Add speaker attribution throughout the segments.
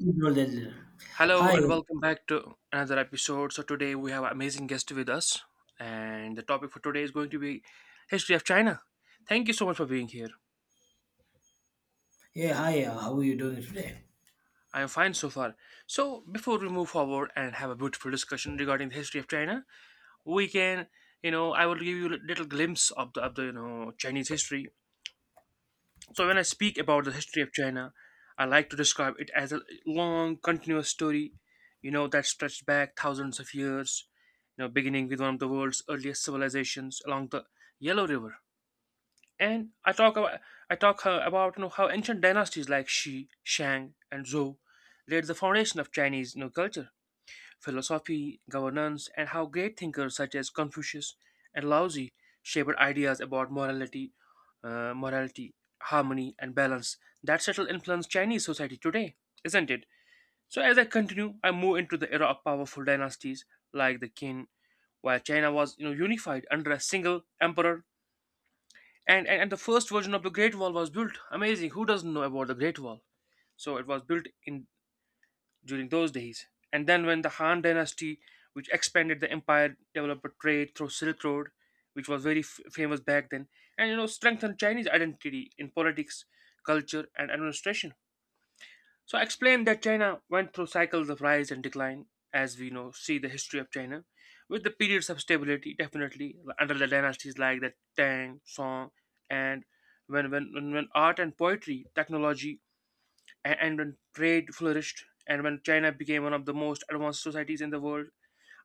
Speaker 1: No, no, no.
Speaker 2: Hello
Speaker 1: Hi,
Speaker 2: and welcome back to another episode. So today we have an amazing guest with us, and the topic for today is going to be history of China. Thank you so much for being here.
Speaker 1: yeah, hi. How are you doing today?
Speaker 2: I am fine so far. So before we move forward and have a beautiful discussion regarding the history of China, we can, I will give you a little glimpse of the Chinese history. So when I speak about the history of China, I like to describe it as a long, continuous story, that stretched back thousands of years, beginning with one of the world's earliest civilizations along the Yellow River. And I talk about I talk about how ancient dynasties like Shi, Shang, and Zhou laid the foundation of Chinese culture, philosophy, governance, and how great thinkers such as Confucius and Lao Tzu shaped ideas about morality, harmony, and balance that subtle influence Chinese society today, isn't it? So as I continue, I move into the era of powerful dynasties like the Qin, while China was unified under a single emperor. And the first version of the Great Wall was built. Amazing. Who doesn't know about the Great Wall? So it was built in during those days. And then, when the Han dynasty, which expanded the empire, developed a trade through Silk Road, which was very famous back then, and strengthened Chinese identity in politics, culture, and administration. So, I explained that China went through cycles of rise and decline, as we know, see the history of China, with the periods of stability, definitely under the dynasties like the Tang, Song, and when art and poetry, technology, and when trade flourished and when China became one of the most advanced societies in the world.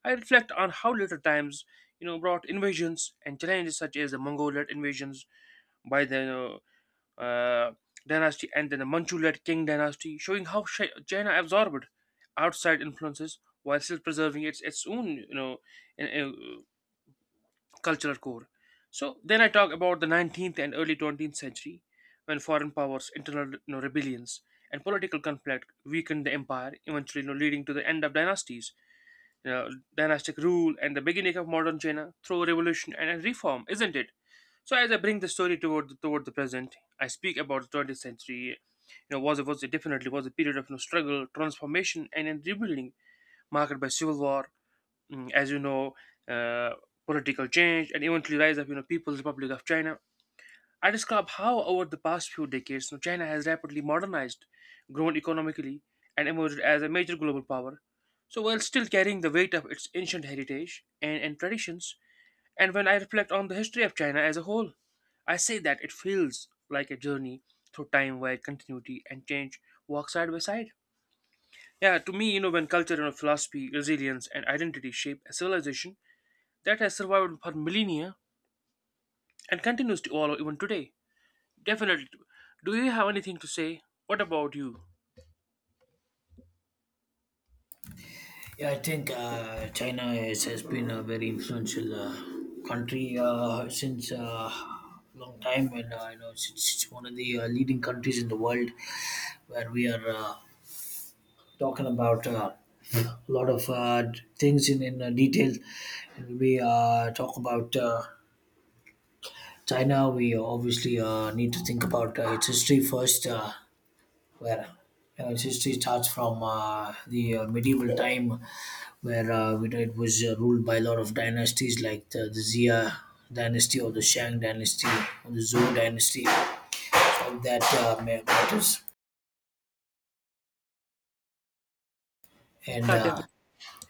Speaker 2: I reflect on how later times, brought invasions and challenges such as the Mongol-led invasions by the uh, uh, dynasty and then the Manchu-led Qing dynasty, showing how China absorbed outside influences while still preserving its own, in- in- cultural core. So then I talk about the 19th and early 20th century when foreign powers, internal rebellions, and political conflict weakened the empire, eventually leading to the end of dynasties, you know, dynastic rule, and the beginning of modern China through revolution and reform, isn't it? So as I bring the story toward the present, I speak about the 20th century. You know, was it definitely was a period of struggle, transformation, and rebuilding, marked by civil war, as you know, uh, political change, and eventually rise of People's Republic of China. I describe how over the past few decades, China has rapidly modernized, grown economically, and emerged as a major global power. So while still carrying the weight of its ancient heritage and traditions, and when I reflect on the history of China as a whole, I say that it feels like a journey through time where continuity and change walk side by side. Yeah, to me, when culture and philosophy, resilience, and identity shape a civilization that has survived for millennia and continues to evolve even today. Definitely. Do you have anything to say? What about you?
Speaker 1: Yeah, I think China is, has been a very influential country since long time, and it's one of the leading countries in the world where we are talking about a lot of things in detail. And we talk about China. We obviously need to think about its history first. Where its history starts from the medieval time, where we know it was ruled by a lot of dynasties like the Xia dynasty or the Shang dynasty or the Zhou dynasty. All that matters, and
Speaker 2: Yeah,
Speaker 1: uh,
Speaker 2: definitely.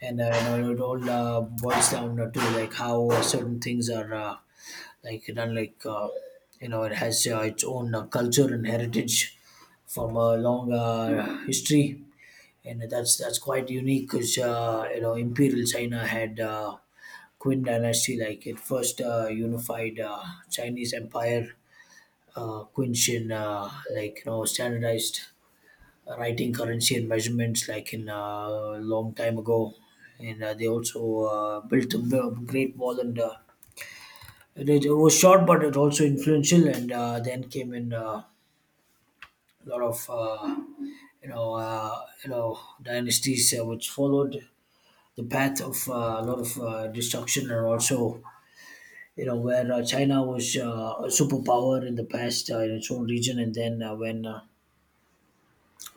Speaker 1: and you know, it all boils down to like how certain things are like done. It has its own culture and heritage from a long history, and that's quite unique because you know imperial China had Qin dynasty like it first unified Chinese empire, Qin Shin, like you know standardized writing, currency, and measurements like in long time ago, and they also built a Great Wall, and it was short but it also influential, and then came in a lot of you know dynasties which followed the path of a lot of destruction, and also you know where China was a superpower in the past in its own region, and then when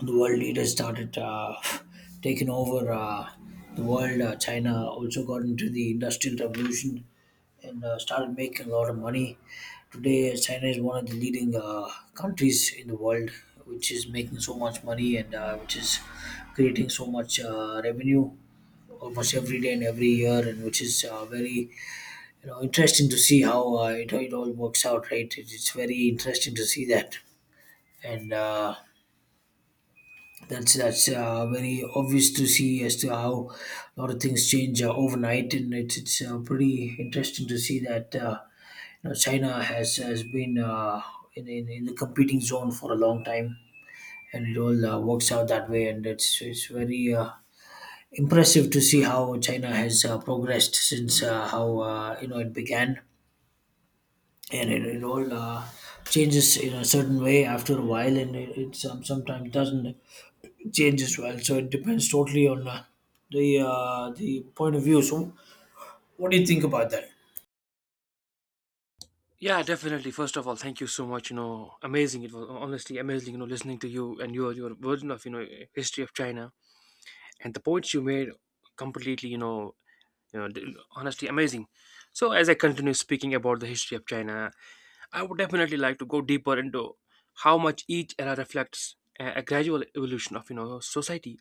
Speaker 1: the world leaders started taking over the world. China also got into the industrial revolution, and started making a lot of money. Today China is one of the leading countries in the world, which is making so much money, and which is creating so much revenue almost every day and every year, and which is very you know interesting to see how it all works out, right? It's very interesting to see that, and that's very obvious to see as to how a lot of things change overnight, and it's pretty interesting to see that you know China has been in the competing zone for a long time, and it all works out that way, and it's very. Impressive to see how China has progressed since how you know it began, and it all changes in a certain way after a while, and it sometimes doesn't change as well. So it depends totally on the point of view. So what do you think about that?
Speaker 2: Yeah, definitely. First of all, thank you so much. You know, amazing. It was honestly amazing. You know, listening to you and your version of history of China and the points you made completely. Honestly amazing. So as I continue speaking about the history of China, I would definitely like to go deeper into how much each era reflects a gradual evolution of society,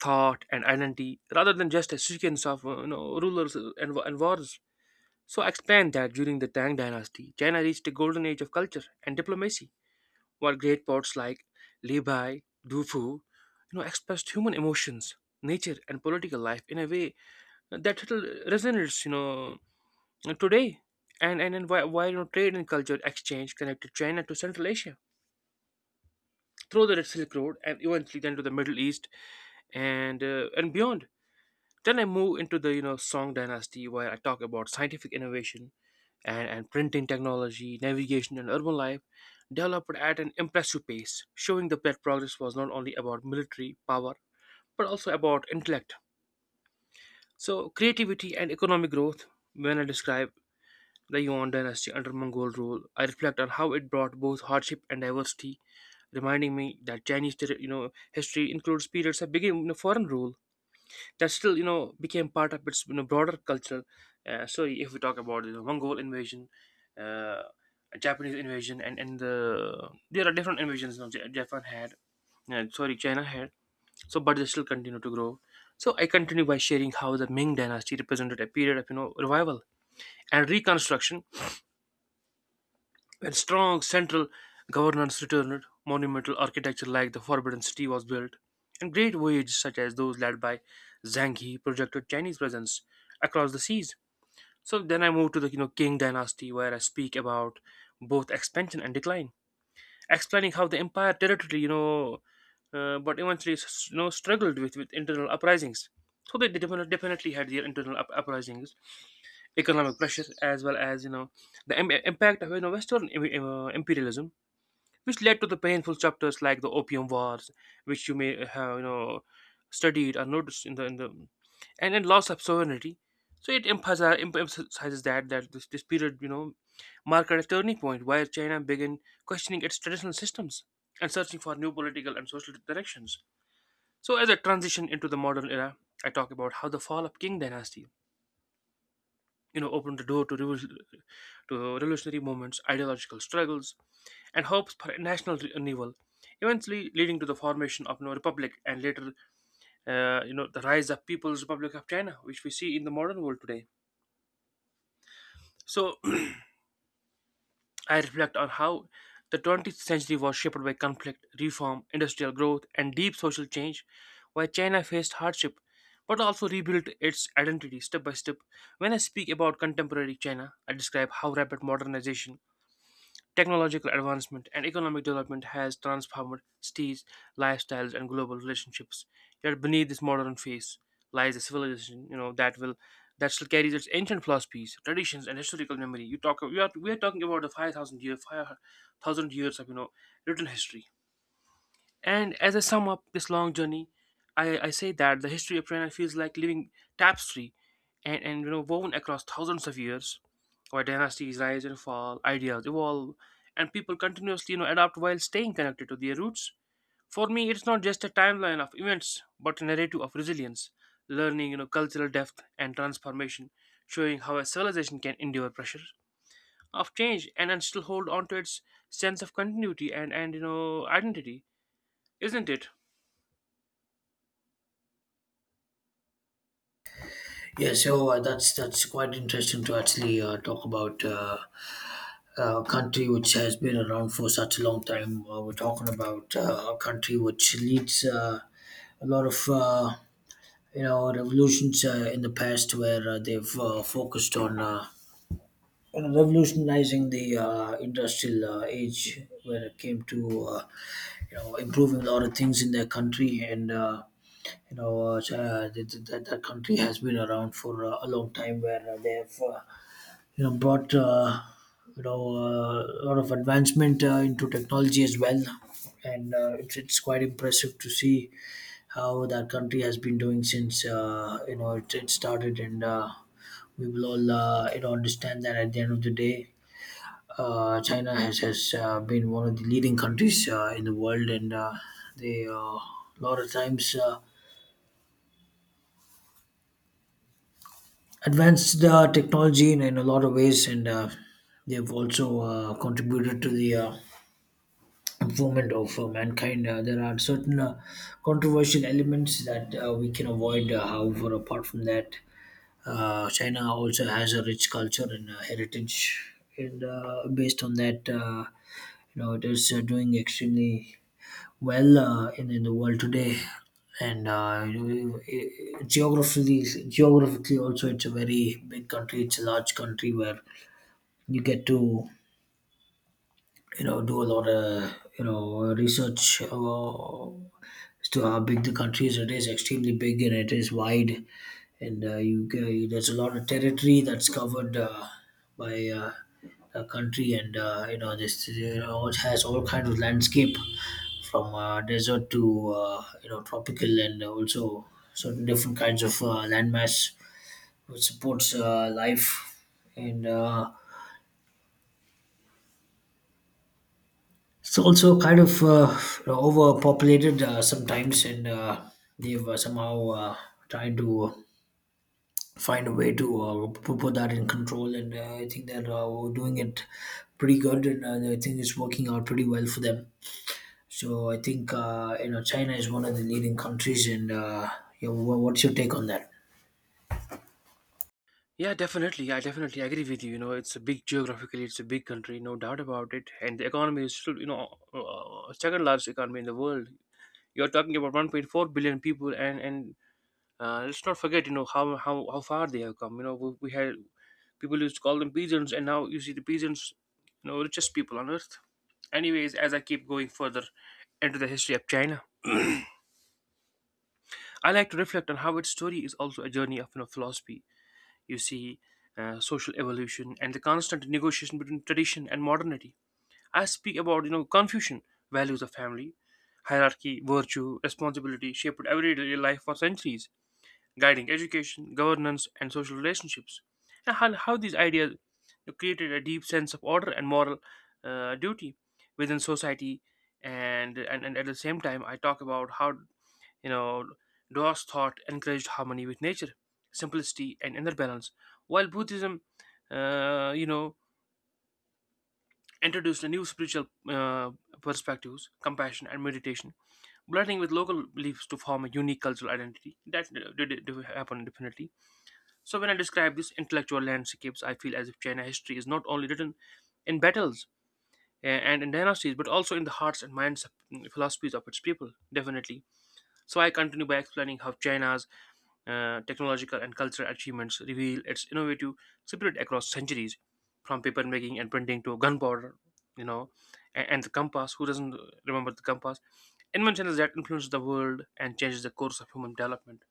Speaker 2: thought and identity rather than just a sequence of rulers and wars. So expand that during the Tang Dynasty, China reached a golden age of culture and diplomacy, while great poets like Li Bai, Du Fu, expressed human emotions, nature, and political life in a way that little resonates, today. And why trade and culture exchange connected China to Central Asia through the Silk Road and eventually then to the Middle East and and beyond. Then I move into the Song Dynasty where I talk about scientific innovation and printing technology, navigation and urban life developed at an impressive pace, showing that progress was not only about military power but also about intellect. So creativity and economic growth. When I describe the Yuan dynasty under Mongol rule, I reflect on how it brought both hardship and diversity, reminding me that Chinese, history includes periods that began in foreign rule that still became part of its broader culture. So if we talk about Mongol invasion, uh, Japanese invasion, and there are different invasions now. Japan had, sorry, China had. So but they still continue to grow. So I continue by sharing how the Ming Dynasty represented a period of revival and reconstruction when strong central governance returned, monumental architecture like the Forbidden City was built, and great voyages such as those led by Zhang He projected Chinese presence across the seas. So then I moved to the Qing dynasty where I speak about both expansion and decline, explaining how the empire territory but eventually you know struggled with internal uprisings. So they definitely had their internal uprisings, economic pressure as well as the impact of Western imperialism which led to the painful chapters like the Opium Wars, which you may have studied or noticed in the and then loss of sovereignty. So it emphasizes that this period marked a turning point where China began questioning its traditional systems and searching for new political and social directions. So as a transition into the modern era, I talk about how the fall of Qing dynasty opened the door to revolutionary movements, ideological struggles, and hopes for national renewal, eventually leading to the formation of no republic and later the rise of People's Republic of China, which we see in the modern world today. So I reflect on how the 20th century was shaped by conflict, reform, industrial growth, and deep social change, while China faced hardship but also rebuilt its identity step by step. When I speak about contemporary China, I describe how rapid modernization, technological advancement and economic development has transformed cities, lifestyles, and global relationships. Yet beneath this modern face lies a civilization, that still carries its ancient philosophies, traditions, and historical memory. You talk, we are talking about the 5,000 years of written history. And as I sum up this long journey, I say that the history of China feels like living tapestry, and woven across thousands of years where dynasties rise and fall, ideas evolve, and people continuously adapt while staying connected to their roots. For me, it's not just a timeline of events, but a narrative of resilience, learning, cultural depth and transformation, showing how a civilization can endure pressure of change and then still hold on to its sense of continuity and identity, isn't it?
Speaker 1: Yeah, so that's quite interesting to actually talk about. A country which has been around for such a long time. We're talking about a country which leads a lot of you know revolutions in the past where they've focused on you know, revolutionizing the industrial age, when it came to uh, you know improving a lot of things in their country, and that country has been around for a long time where they have brought a lot of advancement into technology as well, and it's quite impressive to see how that country has been doing since you know it started, and we will all you know understand that at the end of the day, China has been one of the leading countries in the world, and they a lot of times advanced the technology in a lot of ways, and they've also contributed to the improvement of mankind. There are certain controversial elements that we can avoid. However, apart from that, China also has a rich culture and heritage, and based on that, you know, it is doing extremely well in the world today. And geographically also, it's a very big country. It's a large country where you get to, you know, do a lot of, you know, research as to how big the country is. It is extremely big and it is wide, and there's a lot of territory that's covered by a country, and you know, it has all kind of landscape from desert to you know tropical, and also certain different kinds of landmass which supports life, and it's also kind of you know, overpopulated sometimes, and they've somehow tried to find a way to put that in control. And I think that we're doing it pretty good, and I think it's working out pretty well for them. So I think you know China is one of the leading countries, and yeah, what's your take on that?
Speaker 2: Yeah, definitely. I definitely agree with you. You know, it's a big geographically, it's a big country, no doubt about it. And the economy is still, second largest economy in the world. You're talking about 1.4 billion people, and let's not forget, how far they have come. You know, we had people used to call them peasants, and now you see the peasants, richest people on earth. Anyways, as I keep going further into the history of China, I like to reflect on how its story is also a journey of philosophy. You see, social evolution and the constant negotiation between tradition and modernity. I speak about Confucian values of family, hierarchy, virtue, responsibility shaped everyday life for centuries, guiding education, governance, and social relationships. And how these ideas created a deep sense of order and moral duty within society. And at the same time, I talk about how you know Dao's thought encouraged harmony with nature, simplicity, and inner balance, while Buddhism, uh, you know, introduced a new spiritual perspectives, compassion, and meditation, blending with local beliefs to form a unique cultural identity. That did happen definitely. So when I describe these intellectual landscapes, I feel as if China history is not only written in battles and in dynasties, but also in the hearts and philosophies of its people, definitely. So I continue by explaining how China's technological and cultural achievements reveal its innovative spirit across centuries, from paper making and printing to gunpowder, you know, and the compass. Who doesn't remember the compass? Inventions that influence the world and changes the course of human development.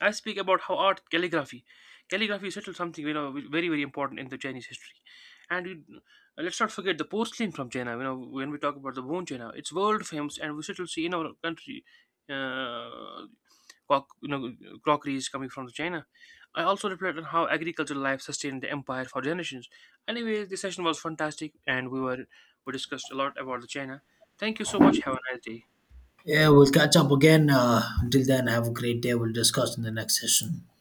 Speaker 2: I speak about how art calligraphy is still something very important in the Chinese history, and let's not forget the porcelain from China. You know when we talk about the bone China, it's world famous, and we still see in our country, uh, croc, you know crockeries coming from China. I also reflect on how agricultural life sustained the empire for generations. Anyway, the session was fantastic, and we discussed a lot about the China. Thank you so much. Have a nice day.
Speaker 1: Yeah, we'll catch up again. Until then, have a great day. We'll discuss in the next session.